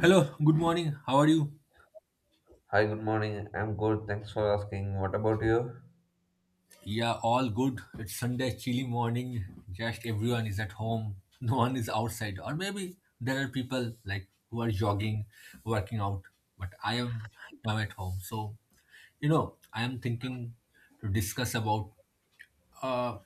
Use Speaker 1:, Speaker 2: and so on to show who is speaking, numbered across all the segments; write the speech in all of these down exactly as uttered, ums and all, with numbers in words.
Speaker 1: Hello, good morning. How are you?
Speaker 2: Hi, good morning. I'm good. Thanks for asking. What about you?
Speaker 1: Yeah, all good. It's Sunday, chilly morning. Just everyone is at home. No one is outside. Or maybe there are people like who are jogging, working out. But I am now at home. So, you know, I am thinking to discuss about uh,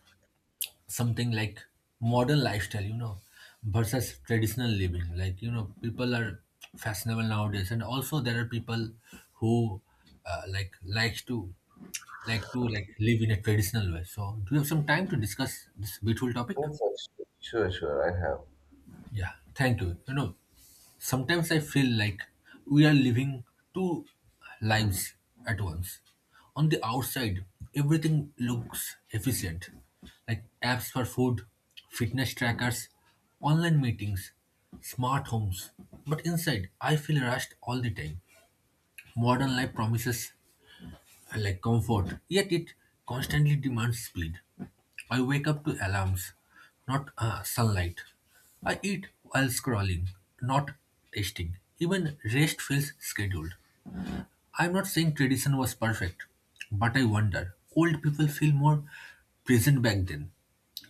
Speaker 1: something like modern lifestyle, you know, versus traditional living. Like, you know, people are fashionable nowadays. And also there are people who uh, like likes to like to like live in a traditional way. So do you have some time to discuss this beautiful topic?
Speaker 2: Yes, yes, sure, sure. I have.
Speaker 1: Yeah, thank you. You know, sometimes I feel like we are living two lives at once. On the outside, everything looks efficient, like apps for food, fitness trackers, online meetings, smart homes. But inside, I feel rushed all the time. Modern life promises I like comfort, yet it constantly demands speed. I wake up to alarms, not uh, sunlight. I eat while scrolling, not tasting. Even rest feels scheduled. I'm not saying tradition was perfect, but I wonder old people feel more present back then.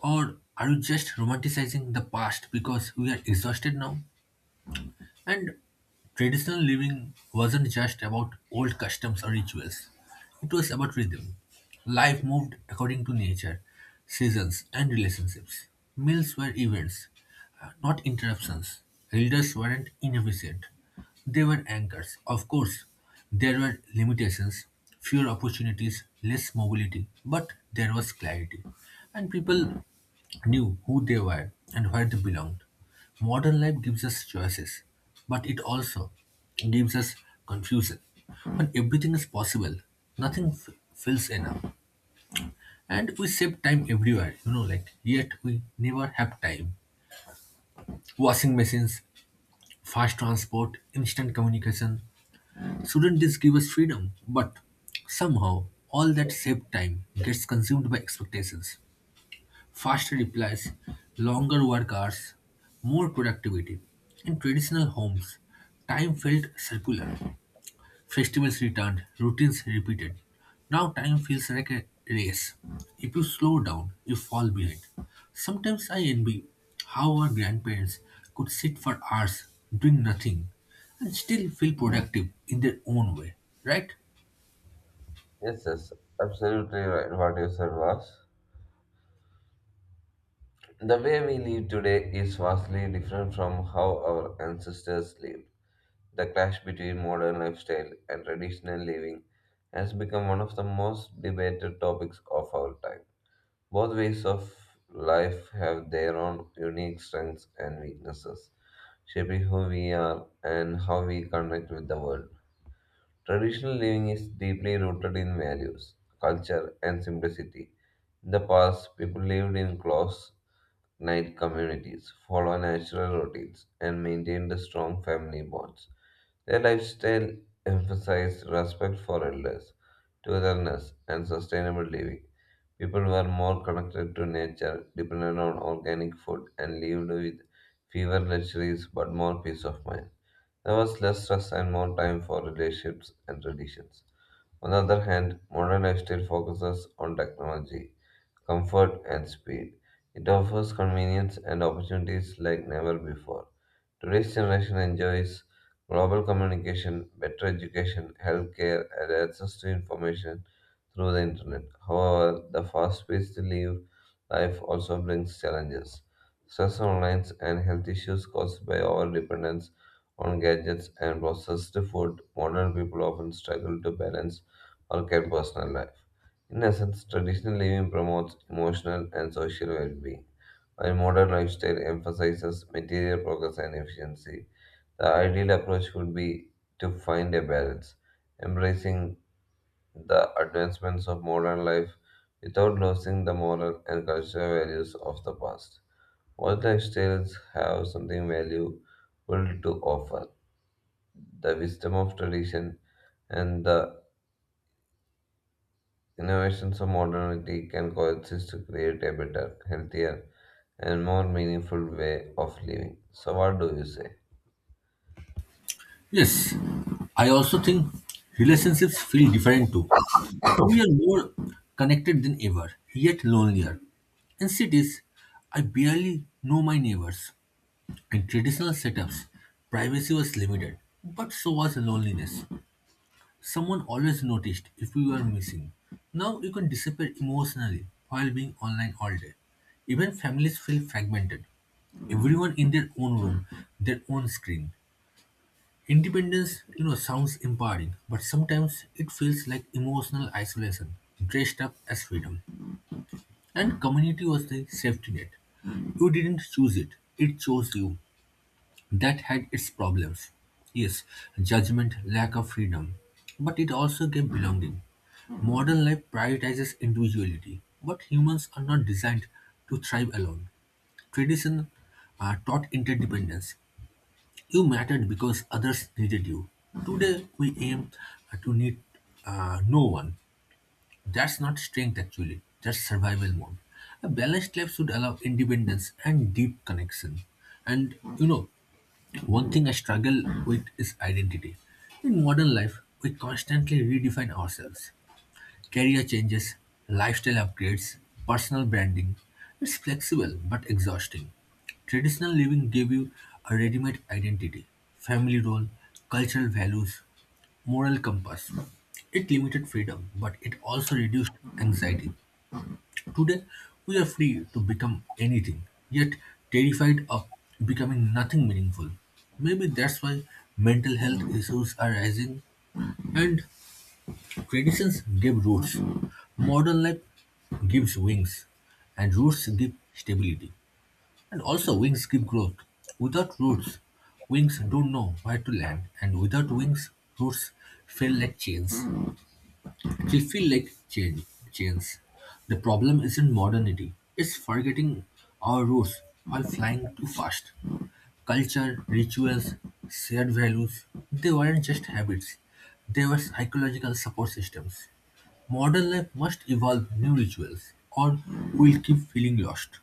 Speaker 1: Or are you just romanticizing the past because we are exhausted now? And traditional living wasn't just about old customs or rituals, it was about rhythm. Life moved according to nature, seasons, and relationships. Meals were events, uh, not interruptions. Elders weren't inefficient, they were anchors. Of course, there were limitations, fewer opportunities, less mobility, but there was clarity. And people knew who they were and where they belonged. Modern life gives us choices, but it also gives us confusion. When everything is possible, nothing f- feels enough. And we save time everywhere, you know, like, yet we never have time. Washing machines, fast transport, instant communication. Shouldn't this give us freedom? But somehow, all that saved time gets consumed by expectations. Faster replies, longer work hours, more productivity. In traditional homes, time felt circular. Festivals returned, routines repeated. Now time feels like a race. If you slow down, you fall behind. Sometimes I envy how our grandparents could sit for hours doing nothing and still feel productive in their own way, right?
Speaker 2: Yes, yes, absolutely right. What you said was the way we live today is vastly different from how our ancestors lived. The clash between modern lifestyle and traditional living has become one of the most debated topics of our time. Both ways of life have their own unique strengths and weaknesses, shaping who we are and how we connect with the world. Traditional living is deeply rooted in values, culture, and simplicity. In the past, people lived in close knit communities, followed natural routines, and maintained strong family bonds. Their lifestyle emphasized respect for elders, togetherness, and sustainable living. People were more connected to nature, depended on organic food, and lived with fewer luxuries but more peace of mind. There was less stress and more time for relationships and traditions. On the other hand, modern lifestyle focuses on technology, comfort, and speed. It offers convenience and opportunities like never before. Today's generation enjoys global communication, better education, healthcare, and access to information through the internet. However, the fast paced live life also brings challenges. Stress online, and health issues caused by our dependence on gadgets and processed food, modern people often struggle to balance work and personal life. In essence, traditional living promotes emotional and social well being, while modern lifestyle emphasizes material progress and efficiency. The ideal approach would be to find a balance, embracing the advancements of modern life without losing the moral and cultural values of the past. All lifestyles have something valuable to offer the wisdom of tradition and the innovations of modernity can coexist to create a better, healthier, and more meaningful way of living. So, what do you say?
Speaker 1: Yes, I also think relationships feel different too. We are more connected than ever, yet lonelier. In cities, I barely know my neighbors. In traditional setups, privacy was limited, but so was loneliness. Someone always noticed if we were missing. Now you can disappear emotionally while being online all day. Even families feel fragmented, everyone in their own room, their own screen. Independence, you know, sounds empowering, but sometimes it feels like emotional isolation dressed up as freedom. And community was the safety net. You didn't choose it, it chose you. That had its problems. Yes, judgment, lack of freedom, but it also gave belonging. Modern life prioritizes individuality, but humans are not designed to thrive alone. Tradition uh, taught interdependence, you mattered because others needed you. Today, we aim uh, to need uh, no one. That's not strength actually, that's survival mode. A balanced life should allow independence and deep connection. And you know, one thing I struggle with is identity. In modern life, we constantly redefine ourselves. Career changes, lifestyle upgrades, personal branding. It's flexible but exhausting. Traditional living gave you a ready-made identity, family role, cultural values, moral compass. It limited freedom, but it also reduced anxiety. Today, we are free to become anything, yet terrified of becoming nothing meaningful. Maybe that's why mental health issues are rising. And traditions give roots, modern life gives wings, and roots give stability. And also, wings give growth. Without roots, wings don't know where to land, and without wings, roots feel like chains. They feel like chain, chains. The problem isn't modernity, it's forgetting our roots while flying too fast. Culture, rituals, shared values, they weren't just habits, they were psychological support systems. Modern life must evolve new rituals or we'll keep feeling lost.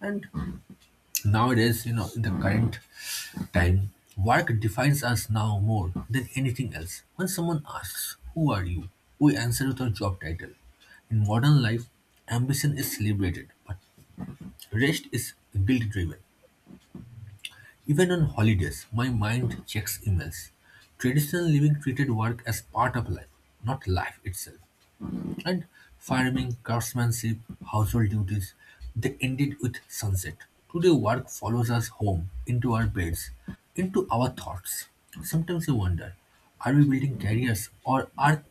Speaker 1: And nowadays, you know, in the current time, work defines us now more than anything else. When someone asks, "Who are you?" we answer with our job title. In modern life, ambition is celebrated, but rest is guilt driven. Even on holidays, my mind checks emails. Traditional living treated work as part of life, not life itself. And farming, craftsmanship, household duties. They ended with sunset. Today work follows us home, into our beds, into our thoughts. Sometimes I wonder, are we building careers or are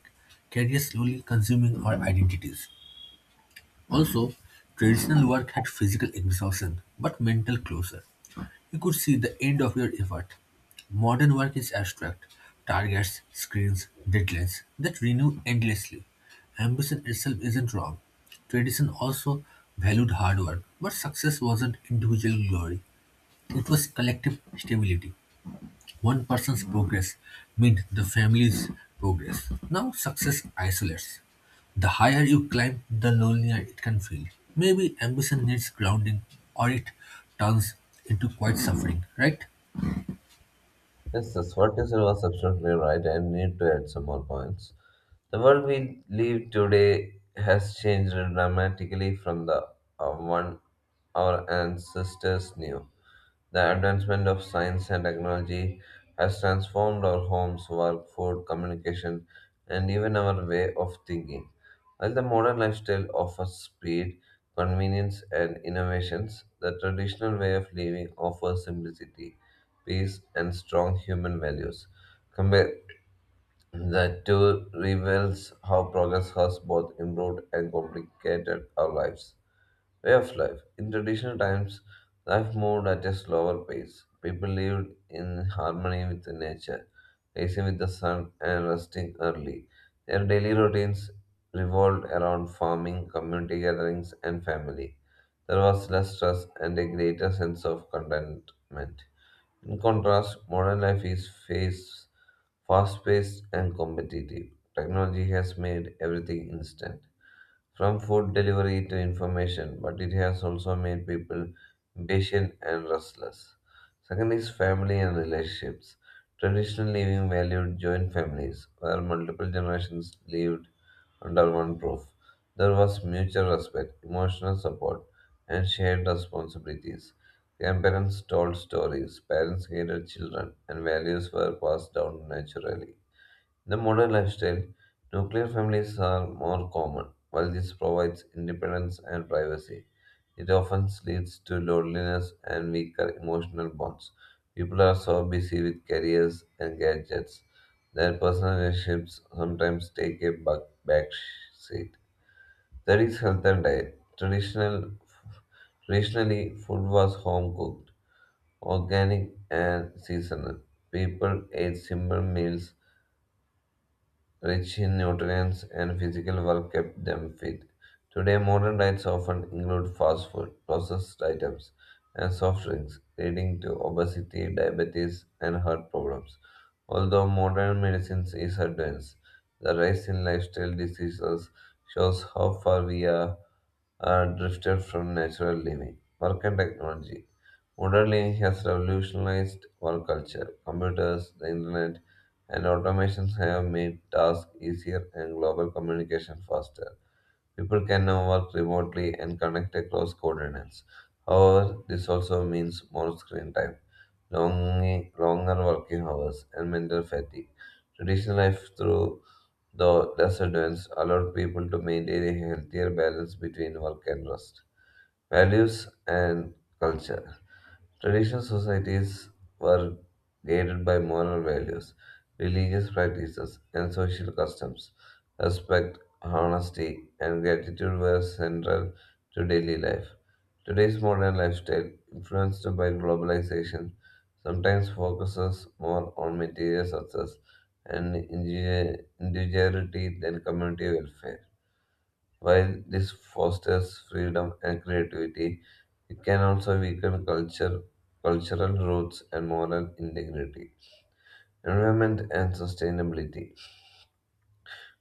Speaker 1: careers slowly consuming our identities? Also, traditional work had physical exhaustion but mental closure. You could see the end of your effort. Modern work is abstract. Targets, screens, deadlines that renew endlessly. Ambition itself isn't wrong. Tradition also valued hard work, but success wasn't individual glory. It was collective stability. One person's progress meant the family's progress. Now success isolates. The higher you climb, the lonelier it can feel. Maybe ambition needs grounding or it turns into quiet suffering, right?
Speaker 2: Yes, yes, what you said was absolutely right. I need to add some more points. The world we live today has changed dramatically from the uh, one our ancestors knew. The advancement of science and technology has transformed our homes, work, food, communication, and even our way of thinking. While the modern lifestyle offers speed, convenience, and innovations, the traditional way of living offers simplicity peace, and strong human values. Compare the two reveals how progress has both improved and complicated our lives. Way of life. In traditional times, life moved at a slower pace. People lived in harmony with nature, rising with the sun and resting early. Their daily routines revolved around farming, community gatherings, and family. There was less stress and a greater sense of contentment. In contrast, modern life is fast paced and competitive. Technology has made everything instant from food delivery to information, but it has also made people impatient and restless. Second is family and relationships. Traditional living valued joint families, where multiple generations lived under one roof. There was mutual respect, emotional support, and shared responsibilities. Grandparents told stories, parents guided children, and values were passed down naturally. In the modern lifestyle, nuclear families are more common. While this provides independence and privacy, it often leads to loneliness and weaker emotional bonds. People are so busy with careers and gadgets that personal relationships sometimes take a back back seat. Third health and diet. Traditional, traditionally, food was home cooked, organic, and seasonal. People ate simple meals rich in nutrients and physical work kept them fit. Today, modern diets often include fast food, processed items, and soft drinks, leading to obesity, diabetes, and heart problems. Although modern medicine is advanced, the rise in lifestyle diseases shows how far we are, are drifted from natural living. Work and technology. Modern living has revolutionized work culture. Computers, the internet, and automations have made tasks easier and global communication faster. People can now work remotely and connect across continents. However, this also means more screen time, long, longer working hours, and mental fatigue. Traditional life, through though less advanced, allowed people to maintain a healthier balance between work and rest. Values and culture. Traditional societies were guided by moral values, religious practices, and social customs. Respect, honesty, and gratitude were central to daily life. Today's modern lifestyle, influenced by globalization, sometimes focuses more on material success and individuality than community welfare. While this fosters freedom and creativity, it can also weaken culture, cultural roots and moral integrity. Environment and sustainability.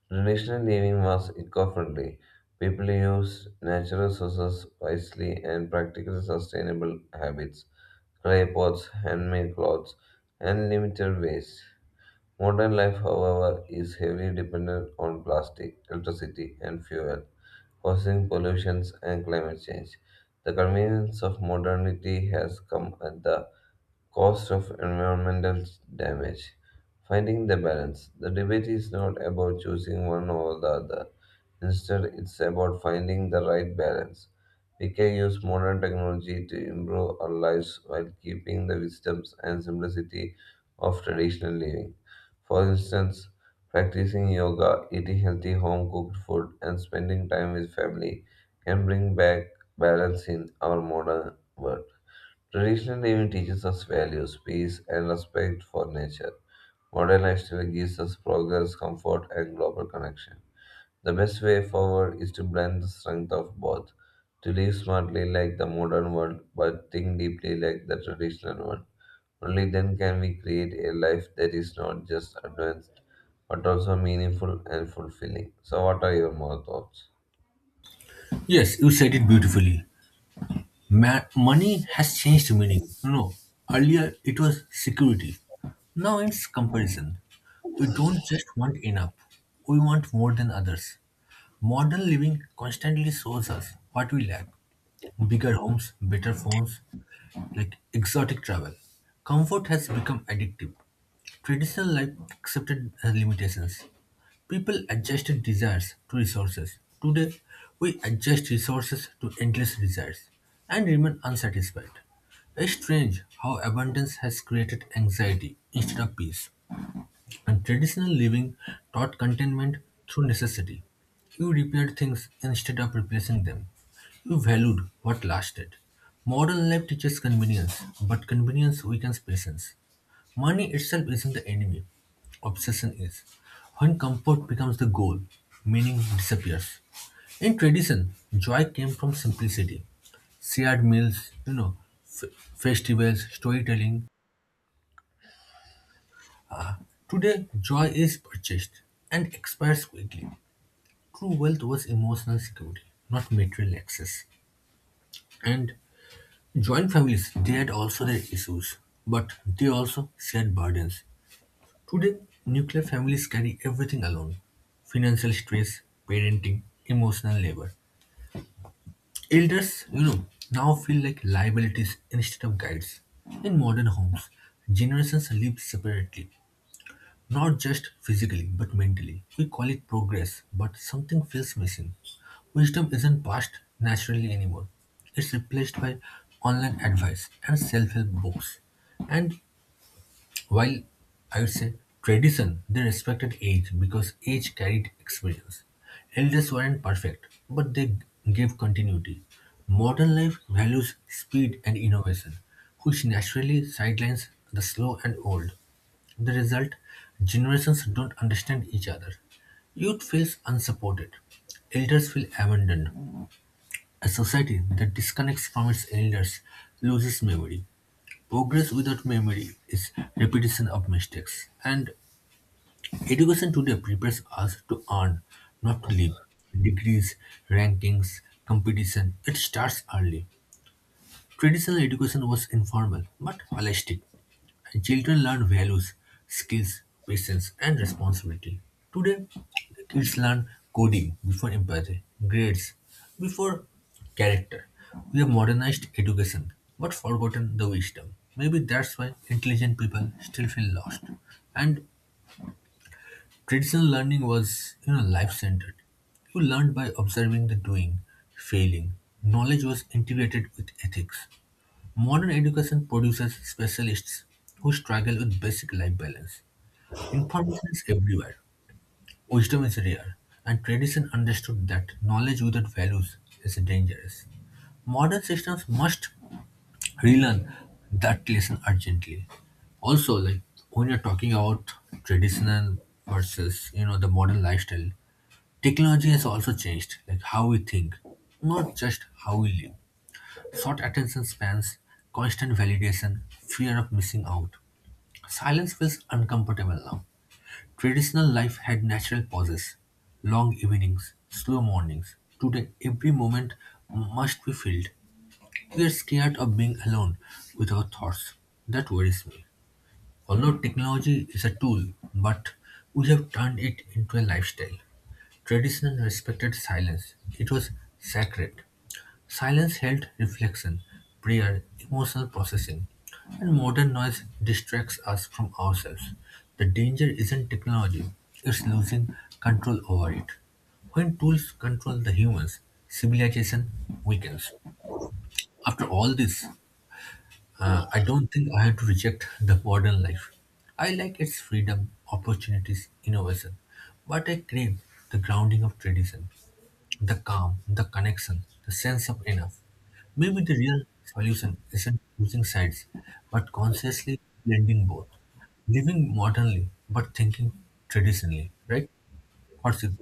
Speaker 2: Traditional living was eco-friendly. People used natural resources wisely and practiced sustainable habits, clay pots, handmade clothes, and limited waste. Modern life, however, is heavily dependent on plastic, electricity, and fuel causing pollution and climate change. The convenience of modernity has come at the cost of environmental damage. Finding the balance. The debate is not about choosing one over the other. Instead, it's about finding the right balance. We can use modern technology to improve our lives while keeping the wisdoms and simplicity of traditional living. For instance, practicing yoga, eating healthy home cooked food, and spending time with family can bring back balance in our modern world. Traditional living teaches us values, peace, and respect for nature. Modern lifestyle gives us progress, comfort, and global connection. The best way forward is to blend the strength of both, to live smartly like the modern world, but think deeply like the traditional one. Only then can we create a life that is not just advanced, but also meaningful and fulfilling. So, what are your more thoughts?
Speaker 1: Yes, you said it beautifully. Ma- money has changed meaning. You know, earlier it was security. Now it's comparison. We don't just want enough. We want more than others. Modern living constantly shows us what we lack. Bigger homes, better phones, like exotic travel. Comfort has become addictive. Traditional life accepted as limitations. People adjusted desires to resources. Today, we adjust resources to endless desires and remain unsatisfied. It's strange how abundance has created anxiety instead of peace. And traditional living taught contentment through necessity. You repaired things instead of replacing them. You valued what lasted. Modern life teaches convenience, but convenience weakens patience. Money itself isn't the enemy, obsession is. When comfort becomes the goal, meaning disappears. In tradition, joy came from simplicity, shared meals, you know, f- festivals, storytelling. Today, joy is purchased and expires quickly. True wealth was emotional security, not material access. And joint families, they had also their issues, but they also shared burdens. Today, nuclear families carry everything alone, financial stress, parenting, emotional labor. Elders, you know, now feel like liabilities instead of guides. In modern homes, generations live separately, not just physically but mentally. We call it progress, but something feels missing. Wisdom isn't passed naturally anymore. It's replaced by online advice and self help books. And while I would say tradition, they respected age because age carried experience. Elders weren't perfect, but they gave continuity. Modern life values speed and innovation, which naturally sidelines the slow and old. The result, generations don't understand each other. Youth feels unsupported. Elders feel abandoned. A society that disconnects from its elders loses memory. Progress without memory is repetition of mistakes. And education today prepares us to earn, not to live. Degrees, rankings, competition, it starts early. Traditional education was informal but holistic. Children learn values, skills, patience, and responsibility. Today, kids learn coding before empathy, grades before character. We have modernized education but forgotten the wisdom. Maybe that's why intelligent people still feel lost. And traditional learning was, you know, life-centered. You learned by observing the doing, failing. Knowledge was integrated with ethics. Modern education produces specialists who struggle with basic life balance. Information is everywhere, wisdom is rare, and tradition understood that knowledge without values is dangerous. Modern systems must relearn that lesson urgently. Also, like when you're talking about traditional versus you know the modern lifestyle, technology has also changed, like how we think, not just how we live. Short attention spans, constant validation, fear of missing out. Silence feels uncomfortable now. Traditional life had natural pauses: long evenings, slow mornings. Today, every moment must be filled. We are scared of being alone with our thoughts. That worries me. Although technology is a tool, but we have turned it into a lifestyle. Traditional respected silence. It was sacred. Silence helped reflection, prayer, emotional processing, and modern noise distracts us from ourselves. The danger isn't technology, it's losing control over it. When tools control the humans, civilization weakens. After all this, uh, I don't think I have to reject the modern life. I like its freedom, opportunities, innovation, but I crave the grounding of tradition. The calm, the connection, the sense of enough. Maybe the real solution isn't choosing sides, but consciously blending both. Living modernly, but thinking traditionally, right? What's it?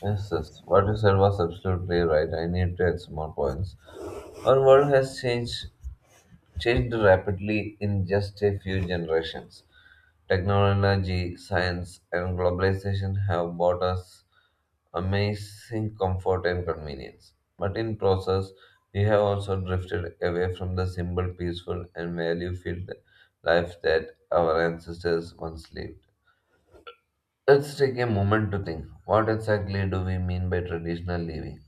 Speaker 2: Yes, yes. What you said was absolutely right. I need to add some more points. Our world has changed changed rapidly in just a few generations. Technology, science, and globalization have brought us amazing comfort and convenience. But in process, we have also drifted away from the simple, peaceful, and value-filled life that our ancestors once lived. Let's take a moment to think. What exactly do we mean by traditional living?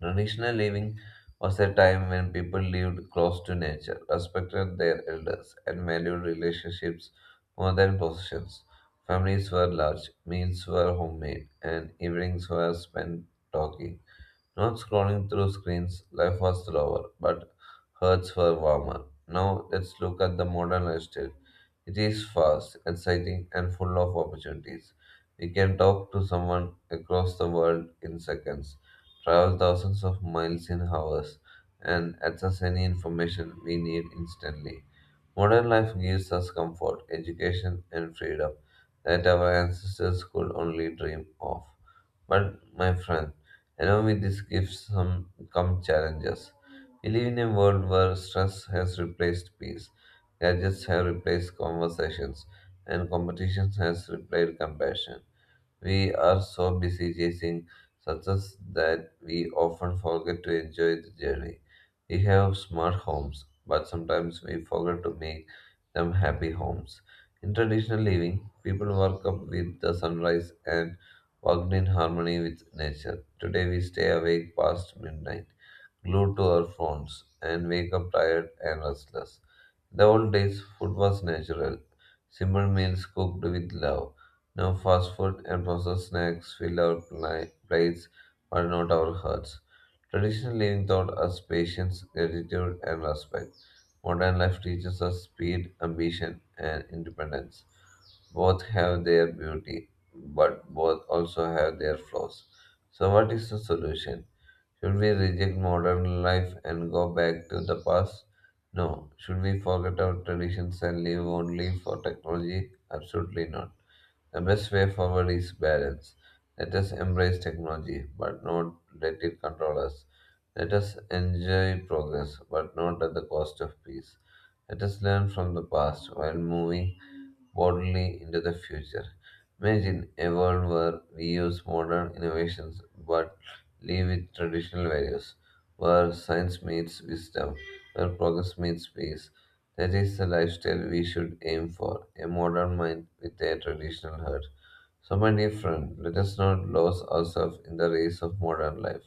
Speaker 2: Traditional living was a time when people lived close to nature, respected their elders, and valued relationships more than possessions. Families were large, meals were homemade, and evenings were spent talking. Not scrolling through screens, life was slower, but hearts were warmer. Now let's look at the modern lifestyle. It is fast, exciting, and full of opportunities. We can talk to someone across the world in seconds, travel thousands of miles in hours, and access any information we need instantly. Modern life gives us comfort, education, and freedom that our ancestors could only dream of. But, my friend, along with these gifts some come challenges. We live in a world where stress has replaced peace, gadgets have replaced conversations, and competition has replaced compassion. We are so busy chasing success that we often forget to enjoy the journey. We have smart homes, but sometimes we forget to make them happy homes. In traditional living, people work up with the sunrise and worked in harmony with nature. Today we stay awake past midnight, glued to our phones, and wake up tired and restless. In the old days, food was natural, simple meals cooked with love. Now fast food and processed snacks fill our pli- plates but not our hearts. Traditional living taught us patience, gratitude, and respect. Modern life teaches us speed, ambition, and independence. Both have their beauty but both also have their flaws. So, what is the solution? Should we reject modern life and go back to the past? No. Should we forget our traditions and live only for technology? Absolutely not. The best way forward is balance. Let us embrace technology, but not let it control us. Let us enjoy progress, but not at the cost of peace. Let us learn from the past while moving boldly into the future. Imagine a world where we use modern innovations but live with traditional values, where science meets wisdom, where progress meets peace. That is the lifestyle we should aim for a modern mind with a traditional heart. So, my dear friend, let us not lose ourselves in the race of modern life.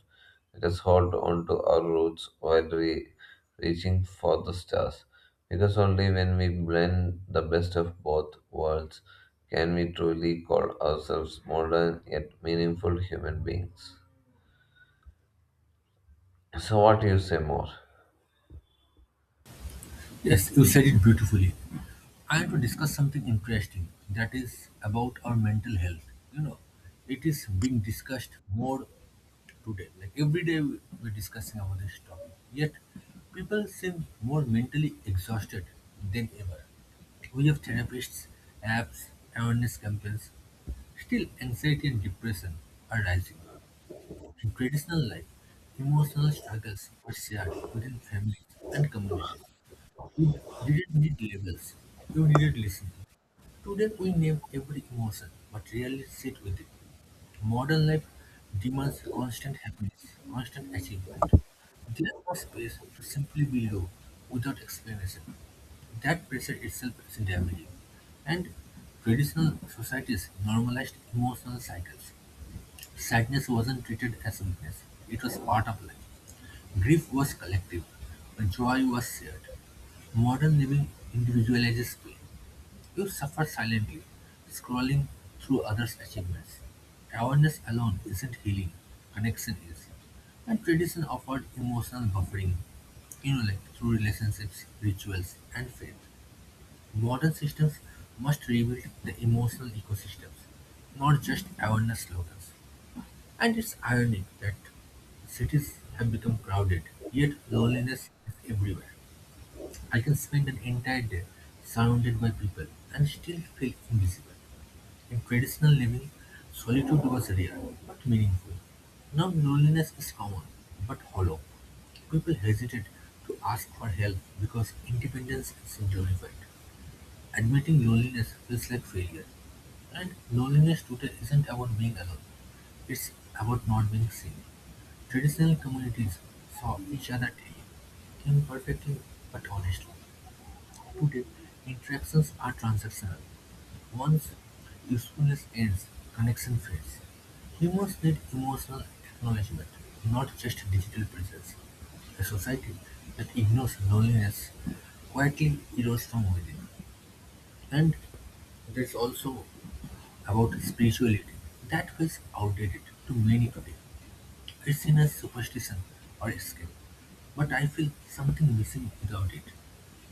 Speaker 2: Let us hold on to our roots while re- reaching for the stars, because only when we blend the best of both worlds can we truly call ourselves modern yet meaningful human beings. So, what do you say more?
Speaker 1: Yes, you said it beautifully. I want to discuss something interesting that is about our mental health. You know, it is being discussed more today. Like every day we- we're discussing about this topic. Yet people seem more mentally exhausted than ever. We have therapists, apps, awareness campaigns. Still anxiety and depression are rising. In traditional life, emotional struggles are shared within families and communities. We didn't need labels. We needed listening. Today we name every emotion but rarely sit with it. Modern life demands constant happiness, constant achievement. There's no space to simply be low without explanation. That pressure itself is damaging. And traditional societies normalized emotional cycles. Sadness wasn't treated as weakness, it was part of life. Grief was collective, joy was shared. Modern living individualizes pain. You suffer silently, scrolling through others' achievements. Awareness alone isn't healing, connection is. And tradition offered emotional buffering, you know, like through relationships, rituals, and faith. Modern systems must rebuild the emotional ecosystems, not just awareness slogans. And it's ironic that cities have become crowded, yet loneliness is everywhere. I can spend an entire day surrounded by people and still feel invisible. In traditional living, solitude was rare but meaningful. Now loneliness is common but hollow. People hesitate to ask for help because independence is glorified. Admitting loneliness feels like failure. And loneliness today isn't about being alone, it's about not being seen. Traditional communities saw each other daily, imperfectly but honestly. Today, interactions are transactional; once usefulness ends, connection fades. Humans need emotional acknowledgement, not just digital presence. A society that ignores loneliness quietly erodes from within. And there's also about spirituality. That feels outdated to many today, it's seen as superstition or escape, but I feel something missing without it.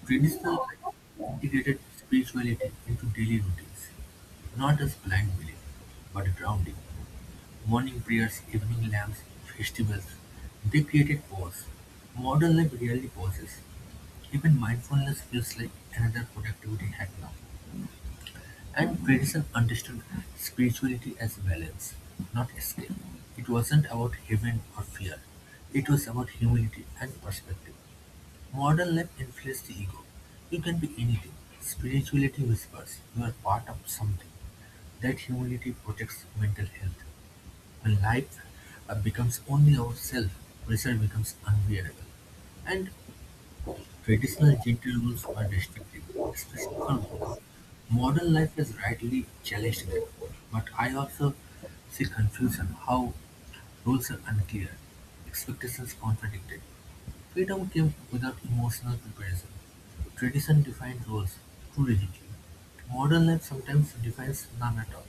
Speaker 1: Traditional life integrated spirituality into daily routines, not as blind belief, but grounding. Morning prayers, evening lamps, festivals, they created pause. Modern life rarely pauses. Even mindfulness feels like another productivity hack now. And Buddhism understood spirituality as balance, not escape. It wasn't about heaven or fear. It was about humility and perspective. Modern life inflates the ego. You can be anything. Spirituality whispers you are part of something. That humility protects mental health. When life uh, becomes only ourself, pressure becomes unbearable. And traditional gentle rules were restrictive, especially for women. Modern life has rightly challenged them, but I also see confusion how rules are unclear, expectations contradicted. Freedom came without emotional preparation. Tradition defined rules too rigidly. Modern life sometimes defines none at all.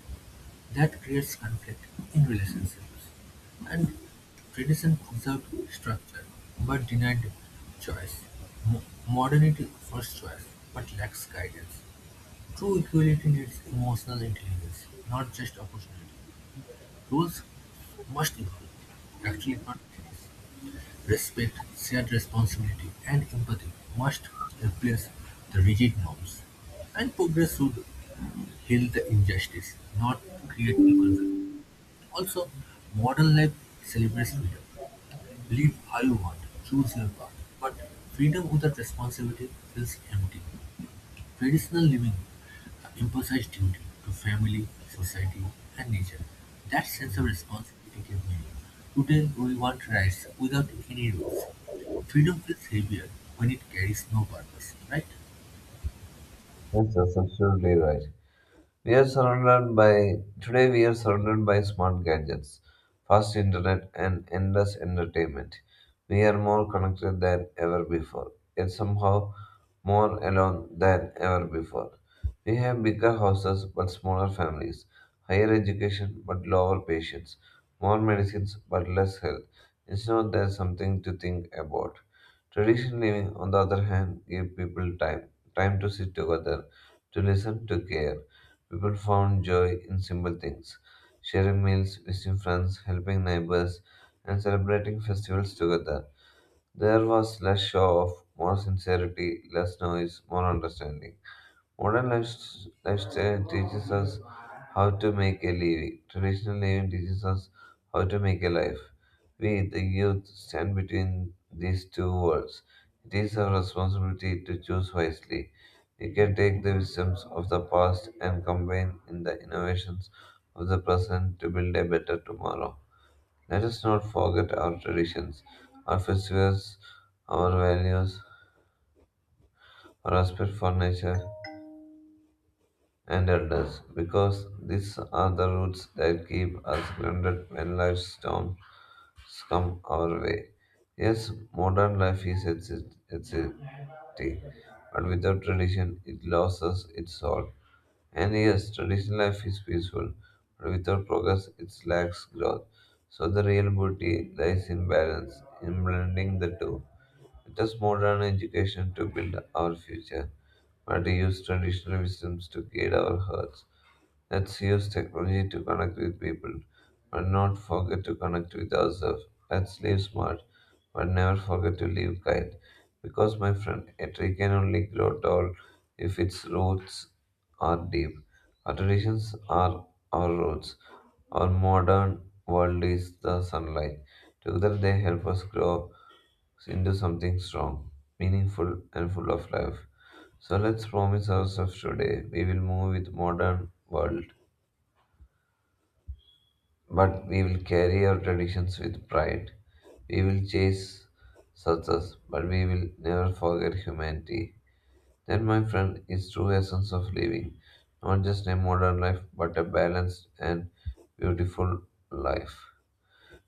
Speaker 1: That creates conflict in relationships, and tradition preserved structure but denied choice. Mo- Modernity offers choice but lacks guidance. True equality needs emotional intelligence, not just opportunity. Rules must evolve, actually not change. Respect, shared responsibility, and empathy must replace the rigid norms. And progress should heal the injustice, not create new conflict. Also, modern life celebrates freedom: live how you want, choose your path. But freedom without responsibility feels empty. Traditional living uh, emphasized duty to family, society, and nature. That sense of responsibility gave meaning. Today, we want rights without any rules. Freedom feels heavier when it carries no purpose, right?
Speaker 2: Yes, that's absolutely right. We are surrounded by today we are surrounded by smart gadgets, fast internet and endless entertainment. We are more connected than ever before, yet somehow more alone than ever before. We have bigger houses but smaller families, higher education but lower patients, more medicines but less health. It's not that something to think about. Traditional living, on the other hand, give people time, time to sit together, to listen, to care. People found joy in simple things sharing meals, visiting friends, helping neighbors, and celebrating festivals together. There was less show off, more sincerity, less noise, more understanding. Modern life- lifestyle teaches us how to make a living. Traditional living teaches us how to make a life. We, the youth, stand between these two worlds. It is our responsibility to choose wisely. We can take the wisdoms of the past and combine in the innovations of the present to build a better tomorrow. Let us not forget our traditions, our festivals, our values, our respect for nature and elders, because these are the roots that keep us grounded when life's storms come our way. Yes, modern life is exi- exciting, but without tradition, it loses its soul. And yes, traditional life is peaceful, but without progress, it lacks growth. So the real beauty lies in balance, in blending the two. It is modern education to build our future, but use traditional wisdoms to guide our hearts. Let's use technology to connect with people, but not forget to connect with ourselves. Let's live smart, but never forget to live kind. Because, my friend, a tree can only grow tall if its roots are deep. Our traditions are our roots. Our modern world is the sunlight. Together, they help us grow into something strong, meaningful, and full of life. So let's promise ourselves today we will move with modern world but we will carry our traditions with pride. We will chase success, but we will never forget humanity. That, my friend, is true essence of living, not just a modern life, but a balanced and beautiful life.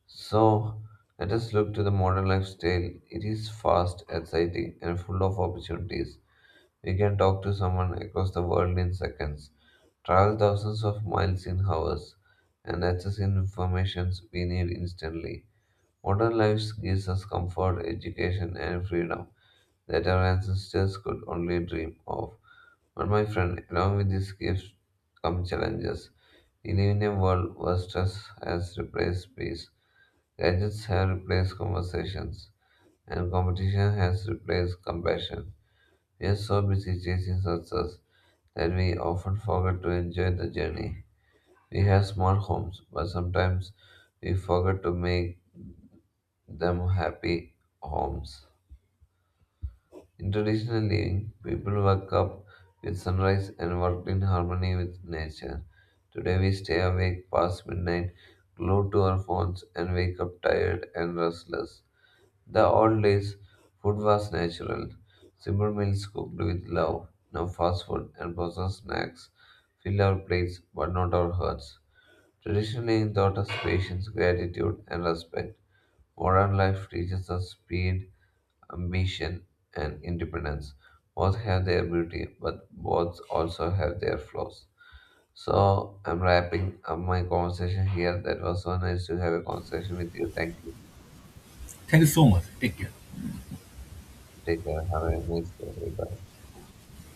Speaker 2: So, let us look to the modern lifestyle. It is fast, exciting, and full of opportunities. We can talk to someone across the world in seconds, travel thousands of miles in hours, and access information we need instantly. Modern life gives us comfort, education, and freedom that our ancestors could only dream of. But my friend, along with these gifts come challenges. We live in a world where stress has replaced peace, gadgets have replaced conversations, and competition has replaced compassion. We are so busy chasing success that we often forget to enjoy the journey. We have small homes, but sometimes we forget to make them happy homes. In traditional living, people wake up with sunrise and worked in harmony with nature. Today we stay awake past midnight, glued to our phones, and wake up tired and restless. The old days, food was natural. Simple meals cooked with love. Now fast food and processed snacks fill our plates but not our hearts. Traditionally taught us patience, gratitude, and respect. Modern life teaches us speed, ambition, and independence. Both have their beauty, but both also have their flaws. So I'm wrapping up my conversation here. That was so nice to have a conversation with you. Thank you.
Speaker 1: Thank you so much. Take care.
Speaker 2: Take care. Have a nice day. Bye.